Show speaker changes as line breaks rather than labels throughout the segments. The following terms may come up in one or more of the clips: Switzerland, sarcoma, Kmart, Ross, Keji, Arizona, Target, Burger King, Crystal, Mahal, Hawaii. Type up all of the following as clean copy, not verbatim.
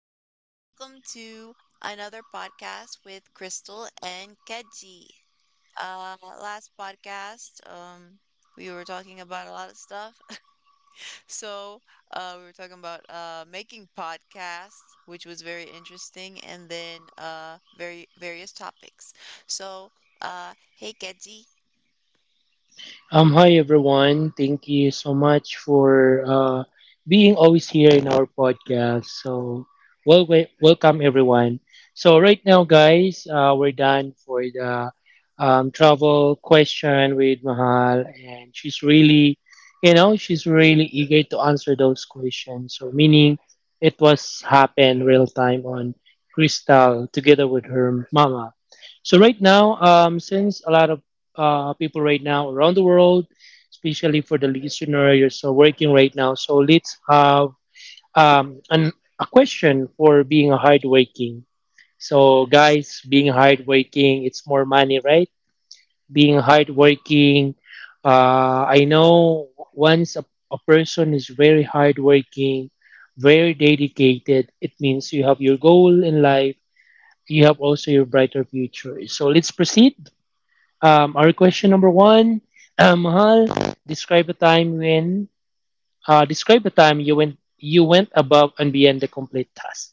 guys, welcome to another podcast with Crystal and Keji. Uh, Last podcast, we were talking about a lot of stuff. So we were talking about making podcasts, which was very interesting, and then very various topics. So, hey Keji.
Hi everyone. Thank you so much for being always here in our podcast. So, welcome everyone. So right now, guys, we're done for the travel question with Mahal, and she's really, she's really eager to answer those questions. So meaning, it was happened real time on Crystal together with her mama. So right now, since a lot of people right now around the world, especially for the listener. You're still working right now, so let's have um, an, a question for being hardworking. So, guys, being hardworking, it's more money, right? Being hardworking, I know once a person is very hardworking, very dedicated, it means you have your goal in life. You have also your brighter future. So let's proceed our question number one, Mahal, describe a time when describe a time you went above and beyond the complete task.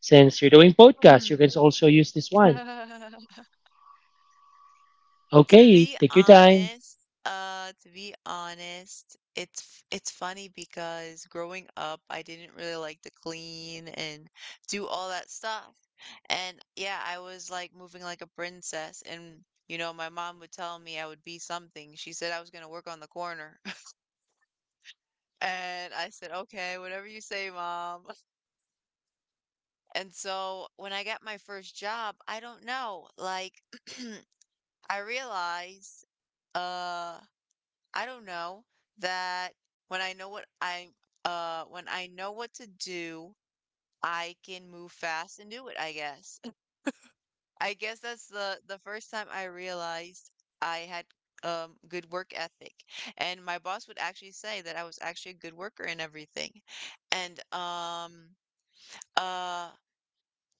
Since you're doing podcast, you
Hmm.
can also use this one. Okay, take your time.
To be honest, it's it's funny because growing up, I didn't really like to clean and do all that stuff. And yeah, I was like moving like a princess and you know, my mom would tell me I would be something. She said I was going to work on the corner. And I said, "Okay, whatever you say, mom." And so when I got my first job, I don't know, like I realized uh I don't know, that when I know what i when I know what to do, I can move fast and do it, I guess. I guess that's the first time I realized I had good work ethic. And my boss would actually say that I was actually a good worker and everything. And uh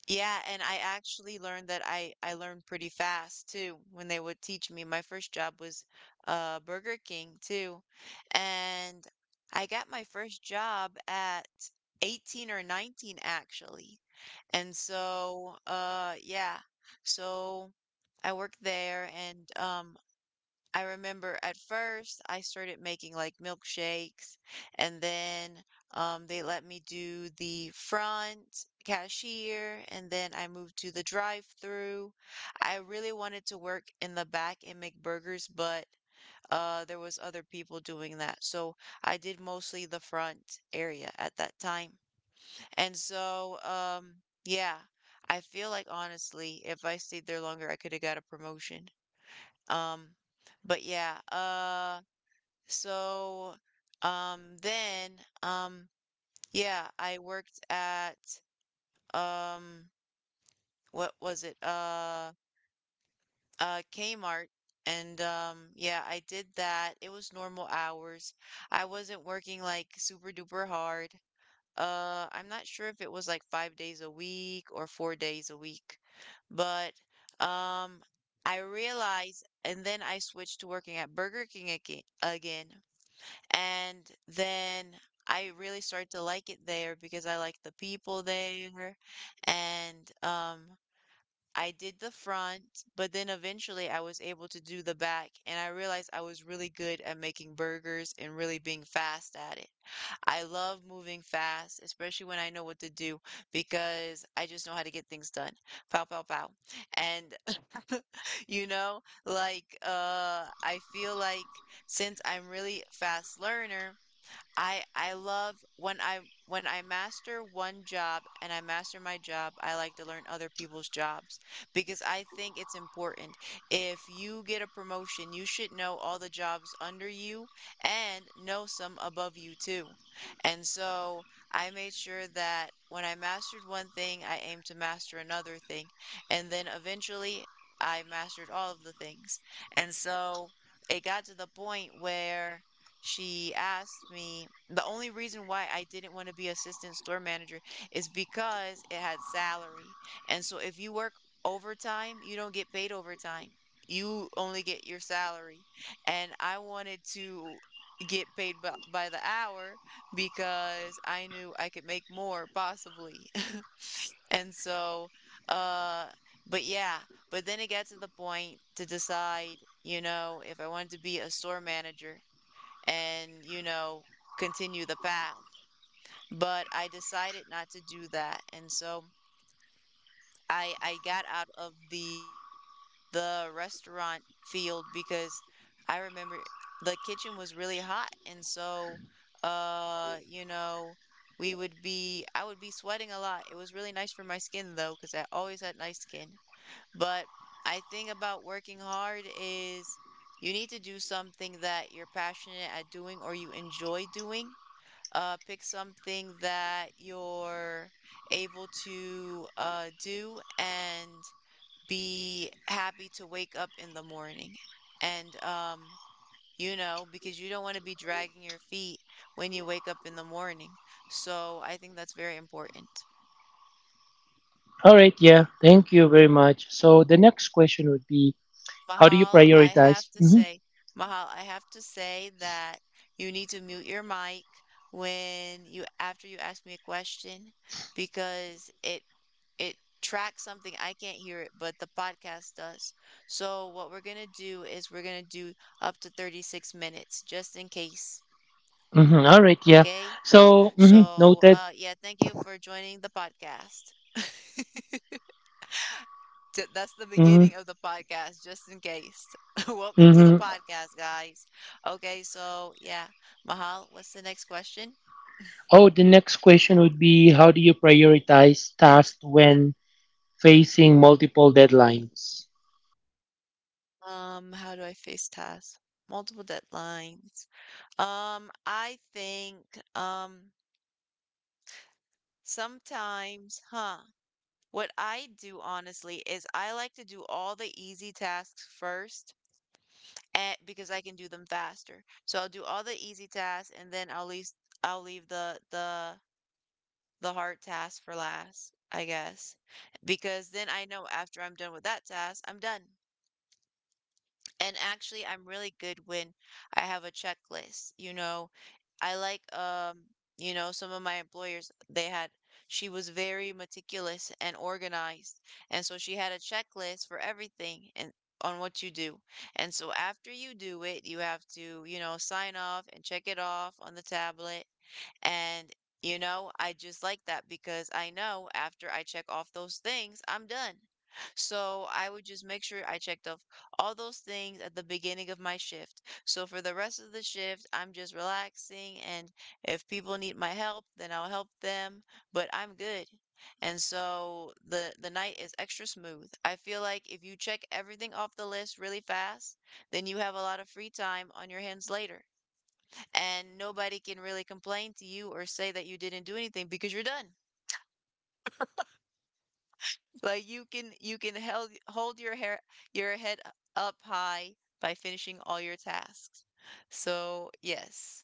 yeah, and I actually learned that I learned pretty fast too when they would teach me. My first job was Burger King too. And I got my first job at 18 or 19 actually. And so yeah. So I worked there and I remember at first I started making like milkshakes and then they let me do the front cashier and then I moved to the drive-through. I really wanted to work in the back and make burgers, but there was other people doing that. So I did mostly the front area at that time. And so yeah, I feel like honestly, if I stayed there longer, I could have got a promotion. Um, but yeah, so, then, um, yeah, I worked at, um, what was it? Kmart. And, yeah, I did that. It was normal hours. I wasn't working like super duper hard. I'm not sure if it was like five days a week or four days a week, but, um, I realized, and then I switched to working at Burger King again. And then I really started to like it there because I like the people there. And I did the front, but then eventually I was able to do the back, and I realized I was really good at making burgers and really being fast at it. I love moving fast, especially when I know what to do, because I just know how to get things done. Pow, pow, pow. And, you know, like, I feel like since I'm really a fast learner, I love when I master one job and I master my job, I like to learn other people's jobs because I think it's important. If you get a promotion, you should know all the jobs under you and know some above you too. And so I made sure that when I mastered one thing, I aimed to master another thing. And then eventually I mastered all of the things. And so it got to the point where she asked me the only reason why I didn't want to be assistant store manager is because it had salary. And so if you work overtime, you don't get paid overtime. You only get your salary. And I wanted to get paid by the hour because I knew I could make more possibly. And so, uh, but but then it got to the point to decide, you know, if I wanted to be a store manager and, you know, continue the path. But I decided not to do that. And so I got out of the restaurant field because I remember the kitchen was really hot. And so you know, we would be I would be sweating a lot. It was really nice for my skin though, because I always had nice skin. But I think about working hard is you need to do something that you're passionate at doing or you enjoy doing, pick something that you're able to do and be happy to wake up in the morning. And, you know, because you don't want to be dragging your feet when you wake up in the morning. So I think that's very important.
All right, yeah, thank you very much. So the next question would be, how do you
Mahal, I
prioritize?
have to
Mhm,
say, Mahal, I have to say that you need to mute your mic when you after you ask me a question because it tracks something I can't hear it, but the podcast does. So what we're gonna do is we're gonna do up to 36 minutes just in case,
mhm, all right, yeah.
okay?
So mhm,
So
noted.
yeah, thank you for joining the podcast. That's the
Hmm.
beginning of the podcast, just in case. Welcome to the
Hmm.
podcast, guys. Okay, so yeah, Mahal, what's the next question?
Oh, the next question would be, how do you prioritize tasks when facing multiple deadlines.
How do I face tasks? Multiple deadlines. I think, um sometimes, huh? What I do honestly is I like to do all the easy tasks first, and because I can do them faster. So I'll do all the easy tasks and then I'll leave the hard task for last, I guess, because then I know after I'm done with that task, I'm done. And actually, I'm really good when I have a checklist. You know, I like, you know, some of my employers, they had, she was very meticulous and organized. And so she had a checklist for everything and on what you do. And so after you do it, you have to, you know, sign off and check it off on the tablet and, you know, I just like that because I know after I check off those things, I'm done. So I would just make sure I checked off all those things at the beginning of my shift. So for the rest of the shift, I'm just relaxing. And if people need my help, then I'll help them, but I'm good. And so the night is extra smooth. I feel like if you check everything off the list really fast, then you have a lot of free time on your hands later and nobody can really complain to you or say that you didn't do anything because you're done. Like you can hold your hair your head up high by finishing all your tasks. So, yes.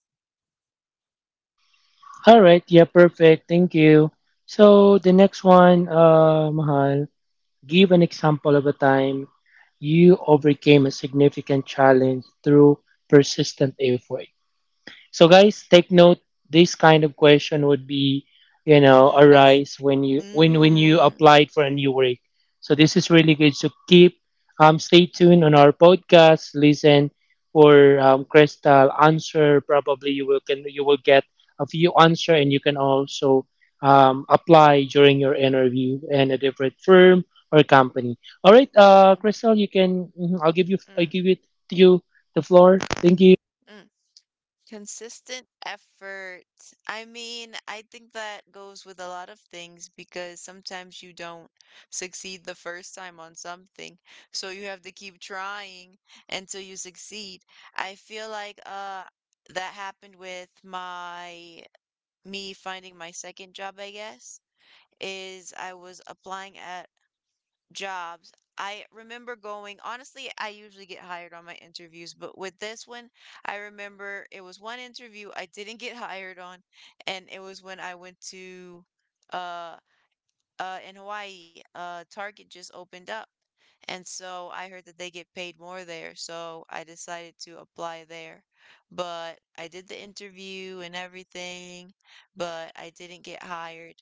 All right, yeah, perfect. Thank you. So the next one, Mahal, give an example of a time you overcame a significant challenge through persistent effort. So guys, take note. This kind of question would be, you know,
Mm, that's
arise when you when you
mm,
applied for a new work. So this is really good. So keep stay tuned on our podcast. Listen for Crystal answer. Probably you will can you will get a few answer, and you can also apply during your interview in a different firm or company. All right,
mm,
Crystal, you can. Mhm, I give
mm,
it to you the floor. Thank you.
mm. Consistent effort. I mean, I think that goes with a lot of things because sometimes you don't succeed the first time on something. So you have to keep trying until you succeed. I feel like that happened with my me finding my second job, I guess, is I was applying at jobs. I remember going, honestly, I usually get hired on my interviews, but with this one, I remember it was one interview I didn't get hired on, and it was when I went to uh in Hawaii, Target just opened up. And so I heard that they get paid more there, so I decided to apply there. But I did the interview and everything, but I didn't get hired.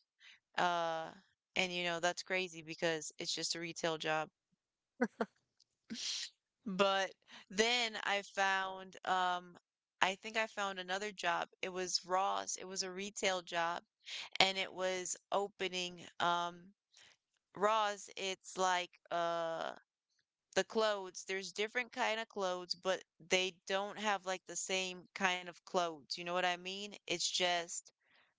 Uh and you know, that's crazy because it's just a retail job. But then I found, I think I found another job. It was Ross. It was a retail job, and it was opening. Ross, it's like the clothes. There's different kind of clothes, but they don't have like the same kind of clothes. You know what I mean? It's just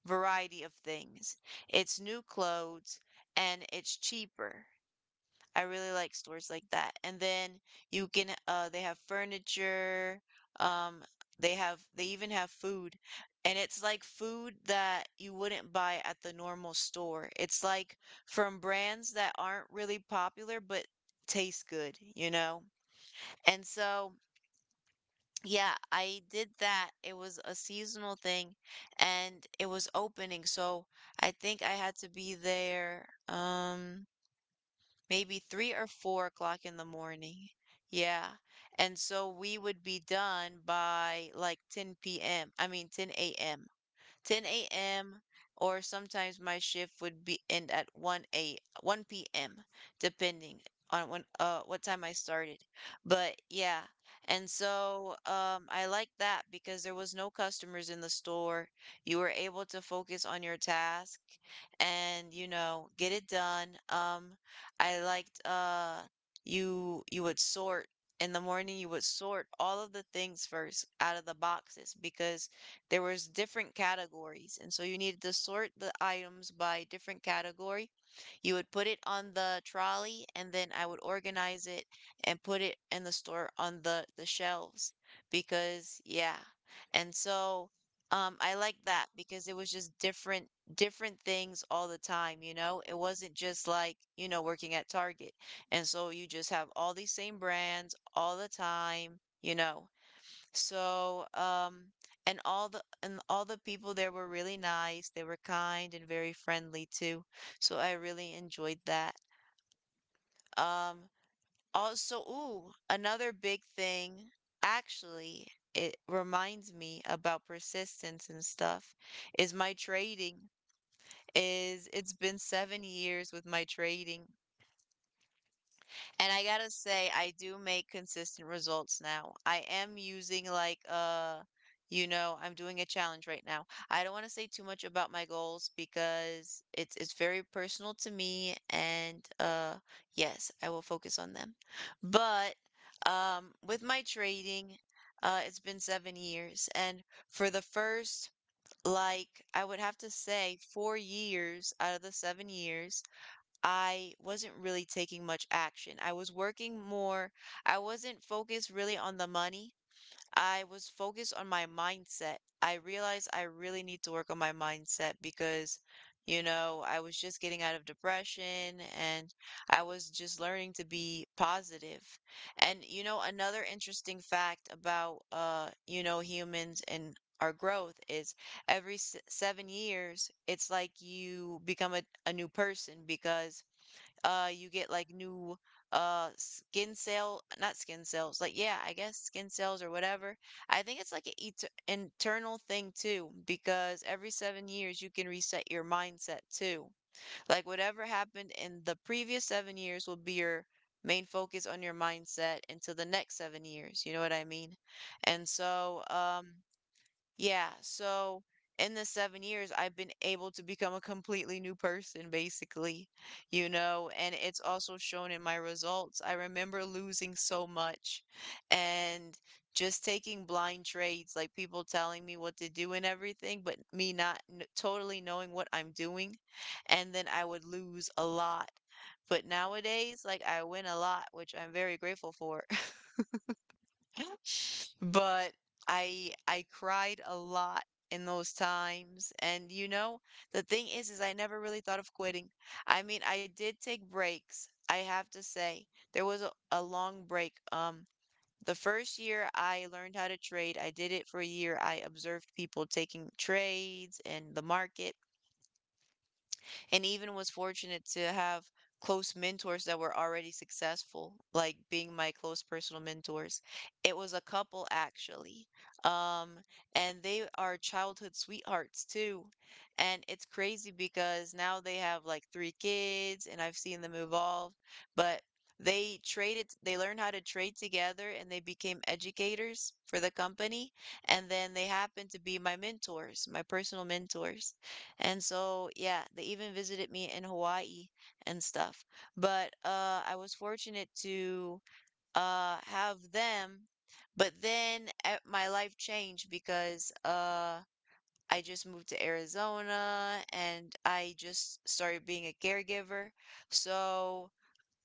variety of things. It's new clothes and it's cheaper. I really like stores like that. And then you can they have furniture, um they even have food. And it's like food that you wouldn't buy at the normal store. It's like from brands that aren't really popular but taste good, you know? And so yeah, I did that. It was a seasonal thing and it was opening. So I think I had to be there. Maybe 3 or 4 o'clock in the morning. Yeah. And so we would be done by like 10 p.m. I mean, 10 a.m. 10 a.m. or sometimes my shift would be end at 1 p.m. depending on when what time I started. But yeah, and so I like that because there was no customers in the store. You were able to focus on your task and you know, get it done. I liked you would sort. In the morning you would sort all of the things first out of the boxes because there was different categories, and so you needed to sort the items by different category. You would put it on the trolley and then I would organize it and put it in the store on the shelves, because yeah. And so I like that because it was just different different things all the time, you know. It wasn't just like, you know, working at Target, and so you just have all these same brands all the time, you know. so, um, and all the people there were really nice. They were kind and very friendly too. So I really enjoyed that. Um, Also, ooh, another big thing, actually, it reminds me about persistence and stuff, is my trading. Is It's been 7 years with my trading. And I gotta say, I do make consistent results now. I am using like you know, I'm doing a challenge right now. I don't want to say too much about my goals because it's very personal to me, and yes, I will focus on them. But with my trading, it's been 7 years. And for the first, like, I would have to say 4 years out of the 7 years, I wasn't really taking much action. I was working more. I wasn't focused really on the money. I was focused on my mindset. I realized I really need to work on my mindset because, you know, I was just getting out of depression and I was just learning to be positive. And, you know, another interesting fact about, you know, humans and our growth is every 7 years, it's like you become a new person because you get like new skin cell, not skin cells, like yeah, I guess skin cells or whatever. I think it's like an et internal thing too, because every 7 years you can reset your mindset too. Like whatever happened in the previous 7 years will be your main focus on your mindset until the next 7 years. You know what I mean? And so, um, yeah, so in the 7 years, I've been able to become a completely new person, basically, you know. And it's also shown in my results. I remember losing so much and just taking blind trades, like people telling me what to do and everything, but me not kn totally knowing what I'm doing. And then I would lose a lot. But nowadays, like, I win a lot, which I'm very grateful for. But I cried a lot in those times. And you know, the thing is I never really thought of quitting. I mean, I did take breaks. I have to say, there was a long break. The first year I learned how to trade, I did it for a year. I observed people taking trades and the market, and even was fortunate to have close mentors that were already successful, like being my close personal mentors. It was a couple, actually. Um, and they are childhood sweethearts too. And it's crazy because now they have like three kids and I've seen them evolve. But they traded, they learned how to trade together and they became educators for the company. And then they happened to be my mentors, my personal mentors. And so, yeah, they even visited me in Hawaii and stuff. But I was fortunate to have them. But then my life changed because I just moved to Arizona and I just started being a caregiver. So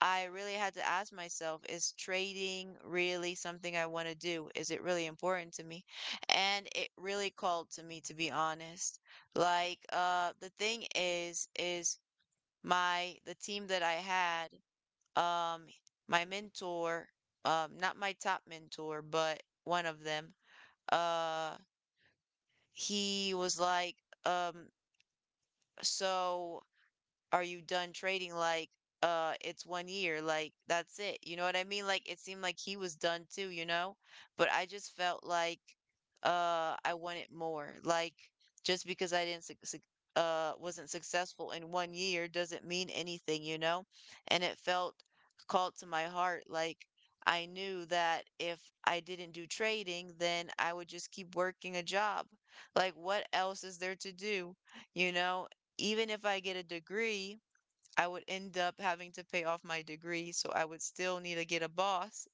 I really had to ask myself, is trading really something I want to do? Is it really important to me? And it really called to me, to be honest. Like, the thing is my, the team that I had, um, my mentor, not my top mentor, but one of them, uh, he was like, um, so are you done trading? Like, it's 1 year. Like, that's it. You know what I mean? Like, it seemed like he was done too, you know? But I just felt like, I wanted more. Like, just because I didn't, wasn't successful in 1 year doesn't mean anything, you know? And it felt called to my heart. Like, I knew that if I didn't do trading, then I would just keep working a job. Like, what else is there to do? You know, even if I get a degree, I would end up having to pay off my degree. So I would still need to get a boss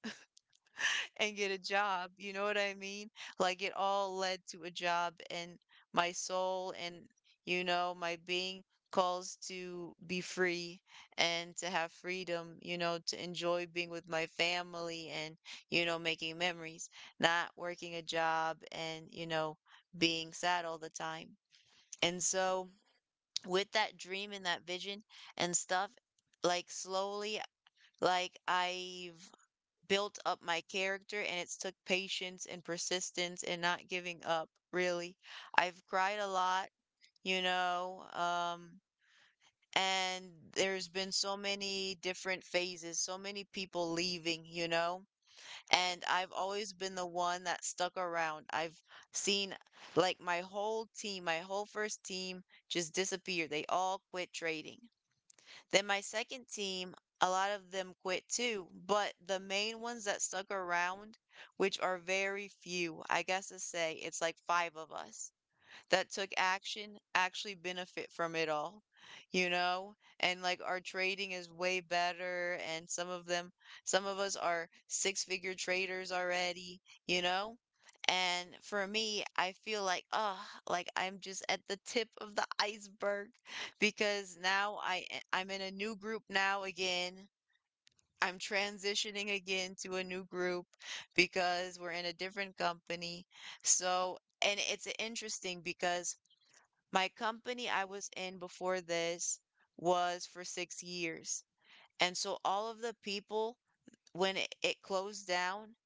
and get a job. You know what I mean? Like, it all led to a job. And my soul and, you know, my being calls to be free and to have freedom, you know, to enjoy being with my family and, you know, making memories, not working a job and, you know, being sad all the time. And so, with that dream and that vision and stuff, like slowly, like, I've built up my character and it's took patience and persistence and not giving up, really. I've cried a lot, you know, and there's been so many different phases, so many people leaving, you know, and I've always been the one that stuck around. I've seen, like, my whole team, my whole first team just disappear. They all quit trading. Then my second team, a lot of them quit too, but the main ones that stuck around, which are very few, I guess to say it's like five of us that took action actually benefit from it all, you know? And like our trading is way better, and some of them some of us are six-figure traders already, you know? And for me, I feel like, oh, like I'm just at the tip of the iceberg because now I I'm in a new group now again. I'm transitioning again to a new group because we're in a different company. So, and it's interesting because my company I was in before this was for 6 years. And so all of the people, when it closed down,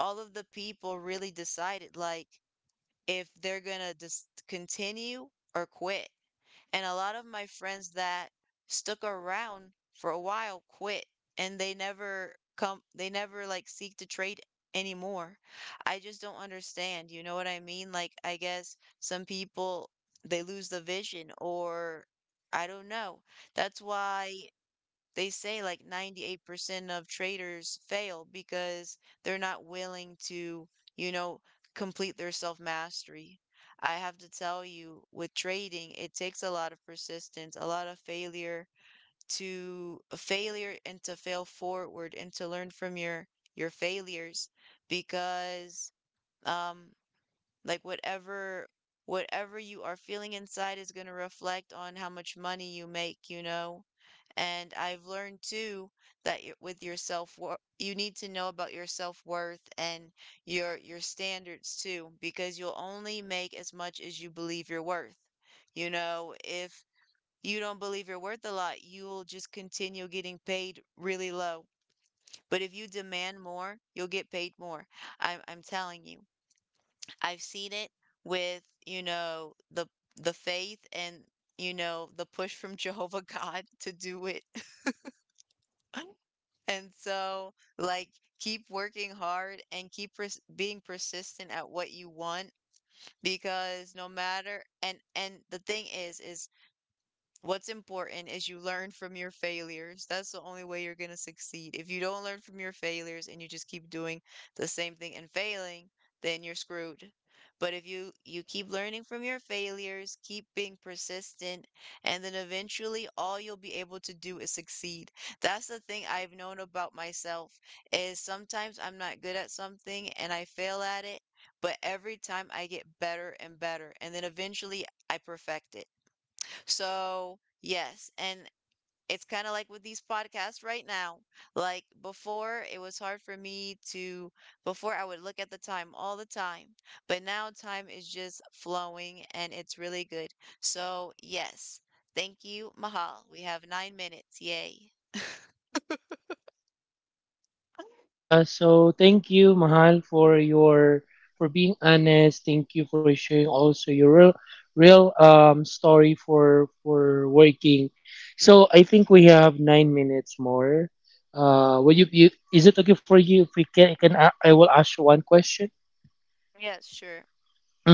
all of the people really decided like if they're gonna just continue or quit. And a lot of my friends that stuck around for a while quit, and they never come, they never like seek to trade anymore. I just don't understand. You know what I mean? Like, I guess some people they lose the vision, or I don't know. That's why they say like 98% of traders fail because they're not willing to, you know, complete their self mastery. I have to tell you, with trading, it takes a lot of persistence, a lot of failure to failure and to fail forward and to learn from your failures because um like whatever you are feeling inside is going to reflect on how much money you make, you know? And I've learned too that with your self worth, you need to know about your self worth and your standards too, because you'll only make as much as you believe you're worth. You know, if you don't believe you're worth a lot, you'll just continue getting paid really low. But if you demand more, you'll get paid more. I'm telling you. I've seen it with, you know, the faith and, you know, the push from Jehovah God to do it. And so, like, keep working hard and keep being persistent at what you want because no matter and the thing is what's important is you learn from your failures. That's the only way you're going to succeed. If you don't learn from your failures and you just keep doing the same thing and failing, then you're screwed. But if you keep learning from your failures, keep being persistent, and then eventually all you'll be able to do is succeed. That's the thing I've known about myself is sometimes I'm not good at something and I fail at it, but every time I get better and better, and then eventually I perfect it. So, yes, and it's kind of like with these podcasts right now. Like before, it was hard for me to, before I would look at the time all the time, but now time is just flowing and it's really good. So, yes, thank you, Mahal. We have 9 minutes. Yay.
Yeah, so thank you, Mahal, for your for being honest. Thank you for sharing also your real story for working. So I think we have 9 minutes more. You is it okay for you if we can I will ask you one question?
Yes, sure.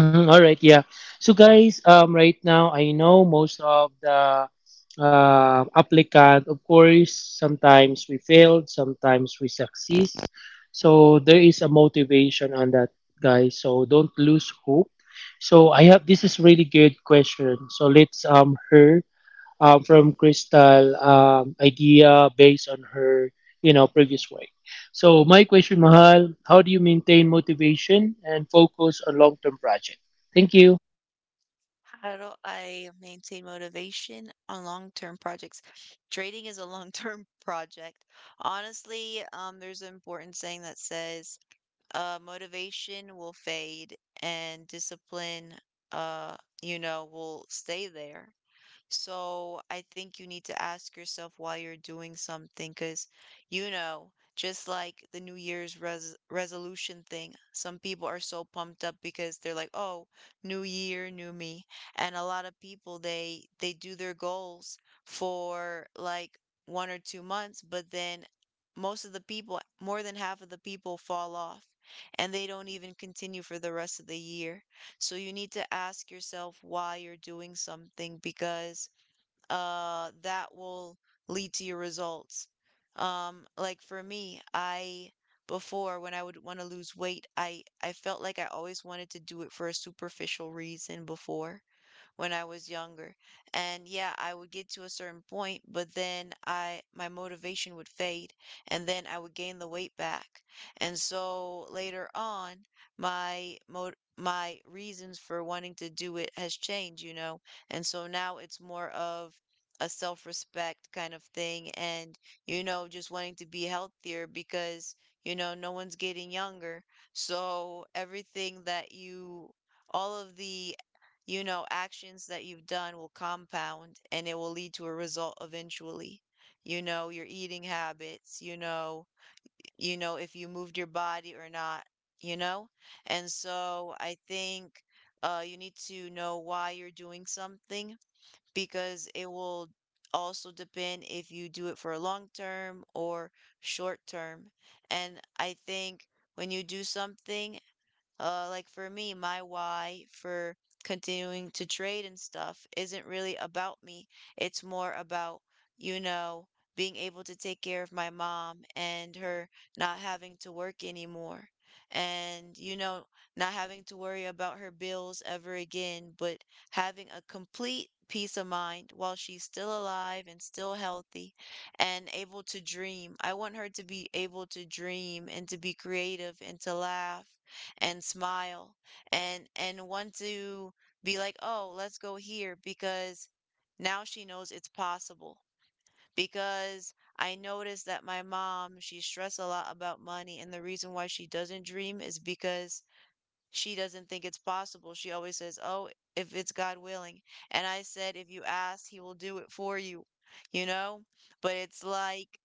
Mhm, all right, yeah. So guys, right now I know most of the applicant. Of course, sometimes we failed, sometimes we succeed. So there is a motivation on that, guys. So don't lose hope. So I have this is really good question. So let's hear from Crystal idea based on her you know previous work. So my question, Mahal, how do you maintain motivation and focus on long term project? Thank you.
How do I maintain motivation on long-term projects? Trading is a long-term project. Honestly, there's an important saying that says, motivation will fade and discipline, uh, you know, will stay there. So I think you need to ask yourself why you're doing something because, you know, just like the New Year's resolution thing, some people are so pumped up because they're like, "Oh, new year, new me." And a lot of people they do their goals for like 1 or 2 months, but then most of the people, more than half of the people fall off and they don't even continue for the rest of the year. So you need to ask yourself why you're doing something because that will lead to your results. Like for me, I before when I would want to lose weight, I felt like I always wanted to do it for a superficial reason before when I was younger. And yeah, I would get to a certain point, but then I my motivation would fade and then I would gain the weight back. And so later on, my mo my reasons for wanting to do it has changed, you know. And so now it's more of a self-respect kind of thing and you know just wanting to be healthier because you know no one's getting younger, so everything that you all of the you know, actions that you've done will compound and it will lead to a result eventually. You know, your eating habits, you know if you moved your body or not, you know? And so I think you need to know why you're doing something because it will also depend if you do it for a long term or short term. And I think when you do something, like for me, my why for continuing to trade and stuff isn't really about me. It's more about, you know, being able to take care of my mom and her not having to work anymore. And, you know, not having to worry about her bills ever again, but having a complete peace of mind while she's still alive and still healthy and able to dream. I want her to be able to dream and to be creative and to laugh and smile and want to be like, "Oh, let's go here," because now she knows it's possible. Because I noticed that my mom, she stressed a lot about money, and the reason why she doesn't dream is because she doesn't think it's possible. She always says, "Oh, if it's God willing." And I said, "If you ask, he will do it for you." You know? But it's like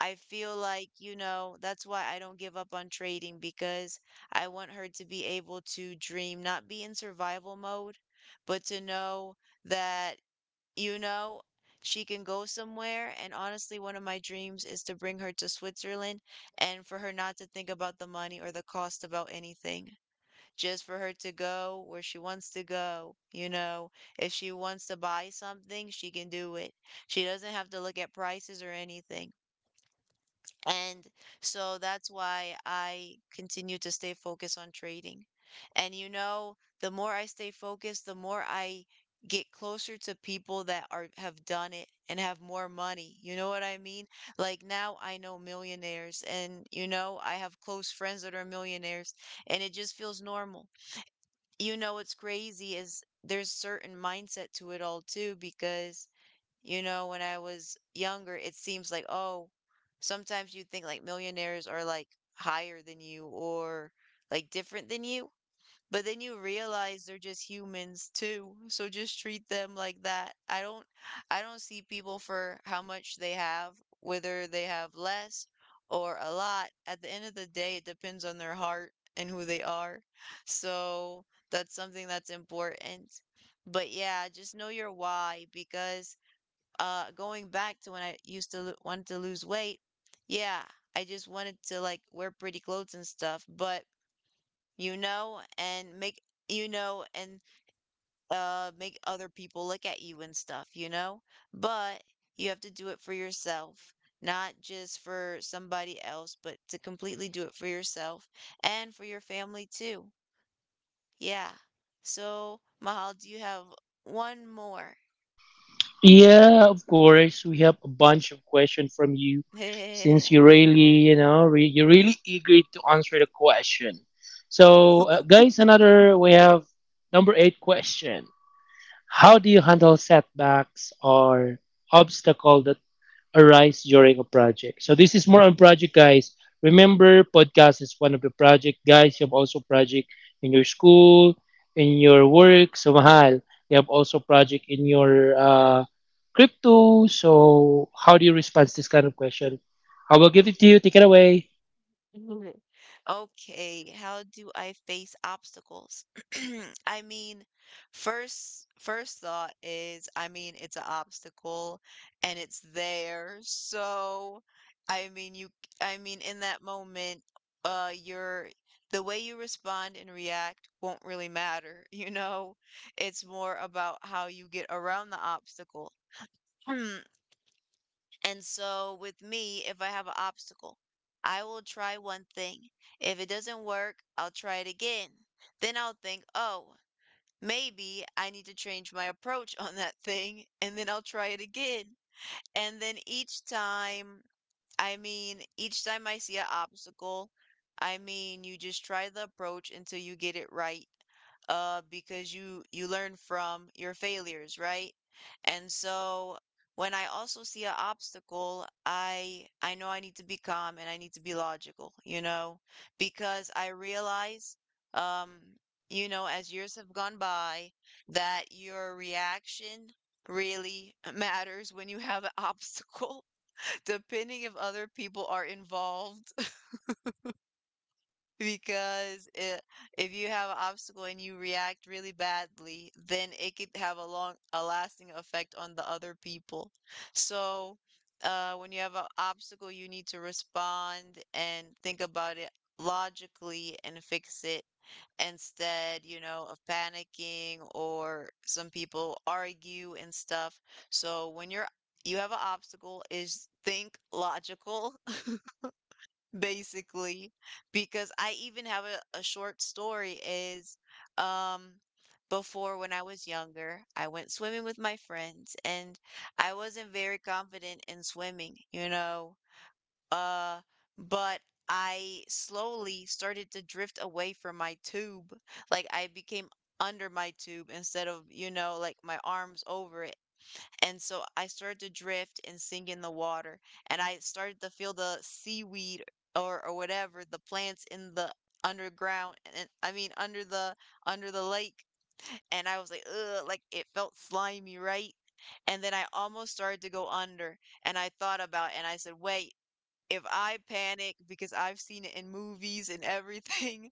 I feel like, you know, that's why I don't give up on trading because I want her to be able to dream, not be in survival mode, but to know that, you know, she can go somewhere. And honestly, one of my dreams is to bring her to Switzerland and for her not to think about the money or the cost about anything. Just for her to go where she wants to go, you know. If she wants to buy something, she can do it. She doesn't have to look at prices or anything. And so that's why I continue to stay focused on trading. And you know, the more I stay focused, the more I get closer to people that are have done it and have more money. You know what I mean? Like now I know millionaires and you know, I have close friends that are millionaires and it just feels normal. You know what's crazy is there's certain mindset to it all too because you know, when I was younger, it seems like, oh, sometimes you think like millionaires are like higher than you or like different than you, but then you realize they're just humans too. So just treat them like that. I don't see people for how much they have, whether they have less or a lot. At the end of the day, it depends on their heart and who they are. So that's something that's important. But yeah, just know your why because going back to when I used to lo wanted to lose weight, yeah, I just wanted to like wear pretty clothes and stuff, but you know, and make you know, and make other people look at you and stuff, you know? But you have to do it for yourself, not just for somebody else, but to completely do it for yourself and for your family too. Yeah. So, Mahal, do you have one more?
Yeah, of course. We have a bunch of questions from you, since you really, you know, you're really eager to answer the question. So, guys, another we have number eight question. How do you handle setbacks or obstacle that arise during a project. So this is more on project, guys. Remember, podcast is one of the project, guys. You have also project in your school, in your work, so mahal. You have also project in your crypto. So how do you respond to this kind of question? I will give it to you. Take it away.
Mhm. Okay, how do I face obstacles? I mean, first thought is, I mean, it's an obstacle and it's there. So, I mean, you I mean, in that moment, your the way you respond and react won't really matter, you know? It's more about how you get around the obstacle. And so with me, if I have an obstacle, I will try one thing. If it doesn't work, I'll try it again. Then I'll think, oh, maybe I need to change my approach on that thing, and then I'll try it again. And then each time I mean, each time I see an obstacle, I mean, you just try the approach until you get it right, because you learn from your failures, right? And so when I also see an obstacle, I know I need to be calm and I need to be logical, you know, because I realize, um, you know, as years have gone by, that your reaction really matters when you have an obstacle depending if other people are involved. Because it, if you have an obstacle and you react really badly, then it could have a long a lasting effect on the other people. So when you have an obstacle, you need to respond and think about it logically and fix it, instead you know of panicking or some people argue and stuff. So when you're you have an obstacle is think logical, basically, because I even have a short story is um before when I was younger I went swimming with my friends and I wasn't very confident in swimming, you know, uh but I slowly started to drift away from my tube. Like I became under my tube instead of you know like my arms over it, and so I started to drift and sink in the water, and I started to feel the seaweed or whatever, the plants in the underground and I mean under the lake. And I was like, ugh, like it felt slimy, right? And then I almost started to go under, and I thought about it, and I said, wait, if I panic because I've seen it in movies and everything,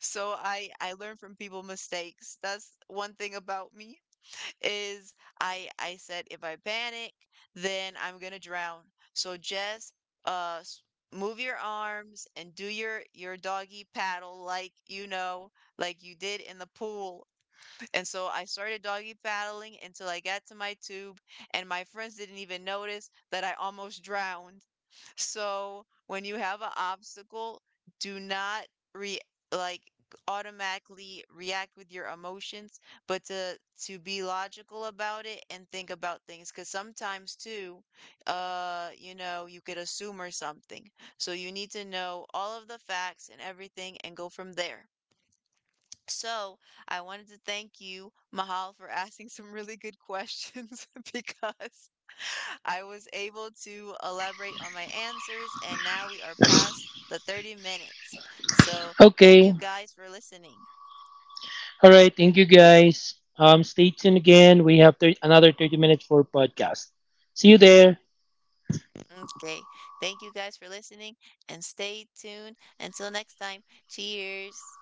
so I learn from people mistakes. That's one thing about me is I said if I panic, then I'm gonna drown. So just uh s- move your arms and do your doggy paddle like you know, like you did in the pool. And so I started doggy paddling until I got to my tube, and my friends didn't even notice that I almost drowned. So when you have an obstacle, do not re like automatically react with your emotions, but to be logical about it and think about things. Because sometimes too, you know, you could assume or something. So you need to know all of the facts and everything and go from there. So I wanted to thank you, Mahal, for asking some really good questions because I was able to elaborate on my answers, and now we are past the 30 minutes. So thank
Okay.
you guys for listening.
All right. Thank you, guys. Stay tuned again. We have another 30 minutes for podcast. See you there.
Okay, thank you guys for listening, and stay tuned. Until next time, cheers.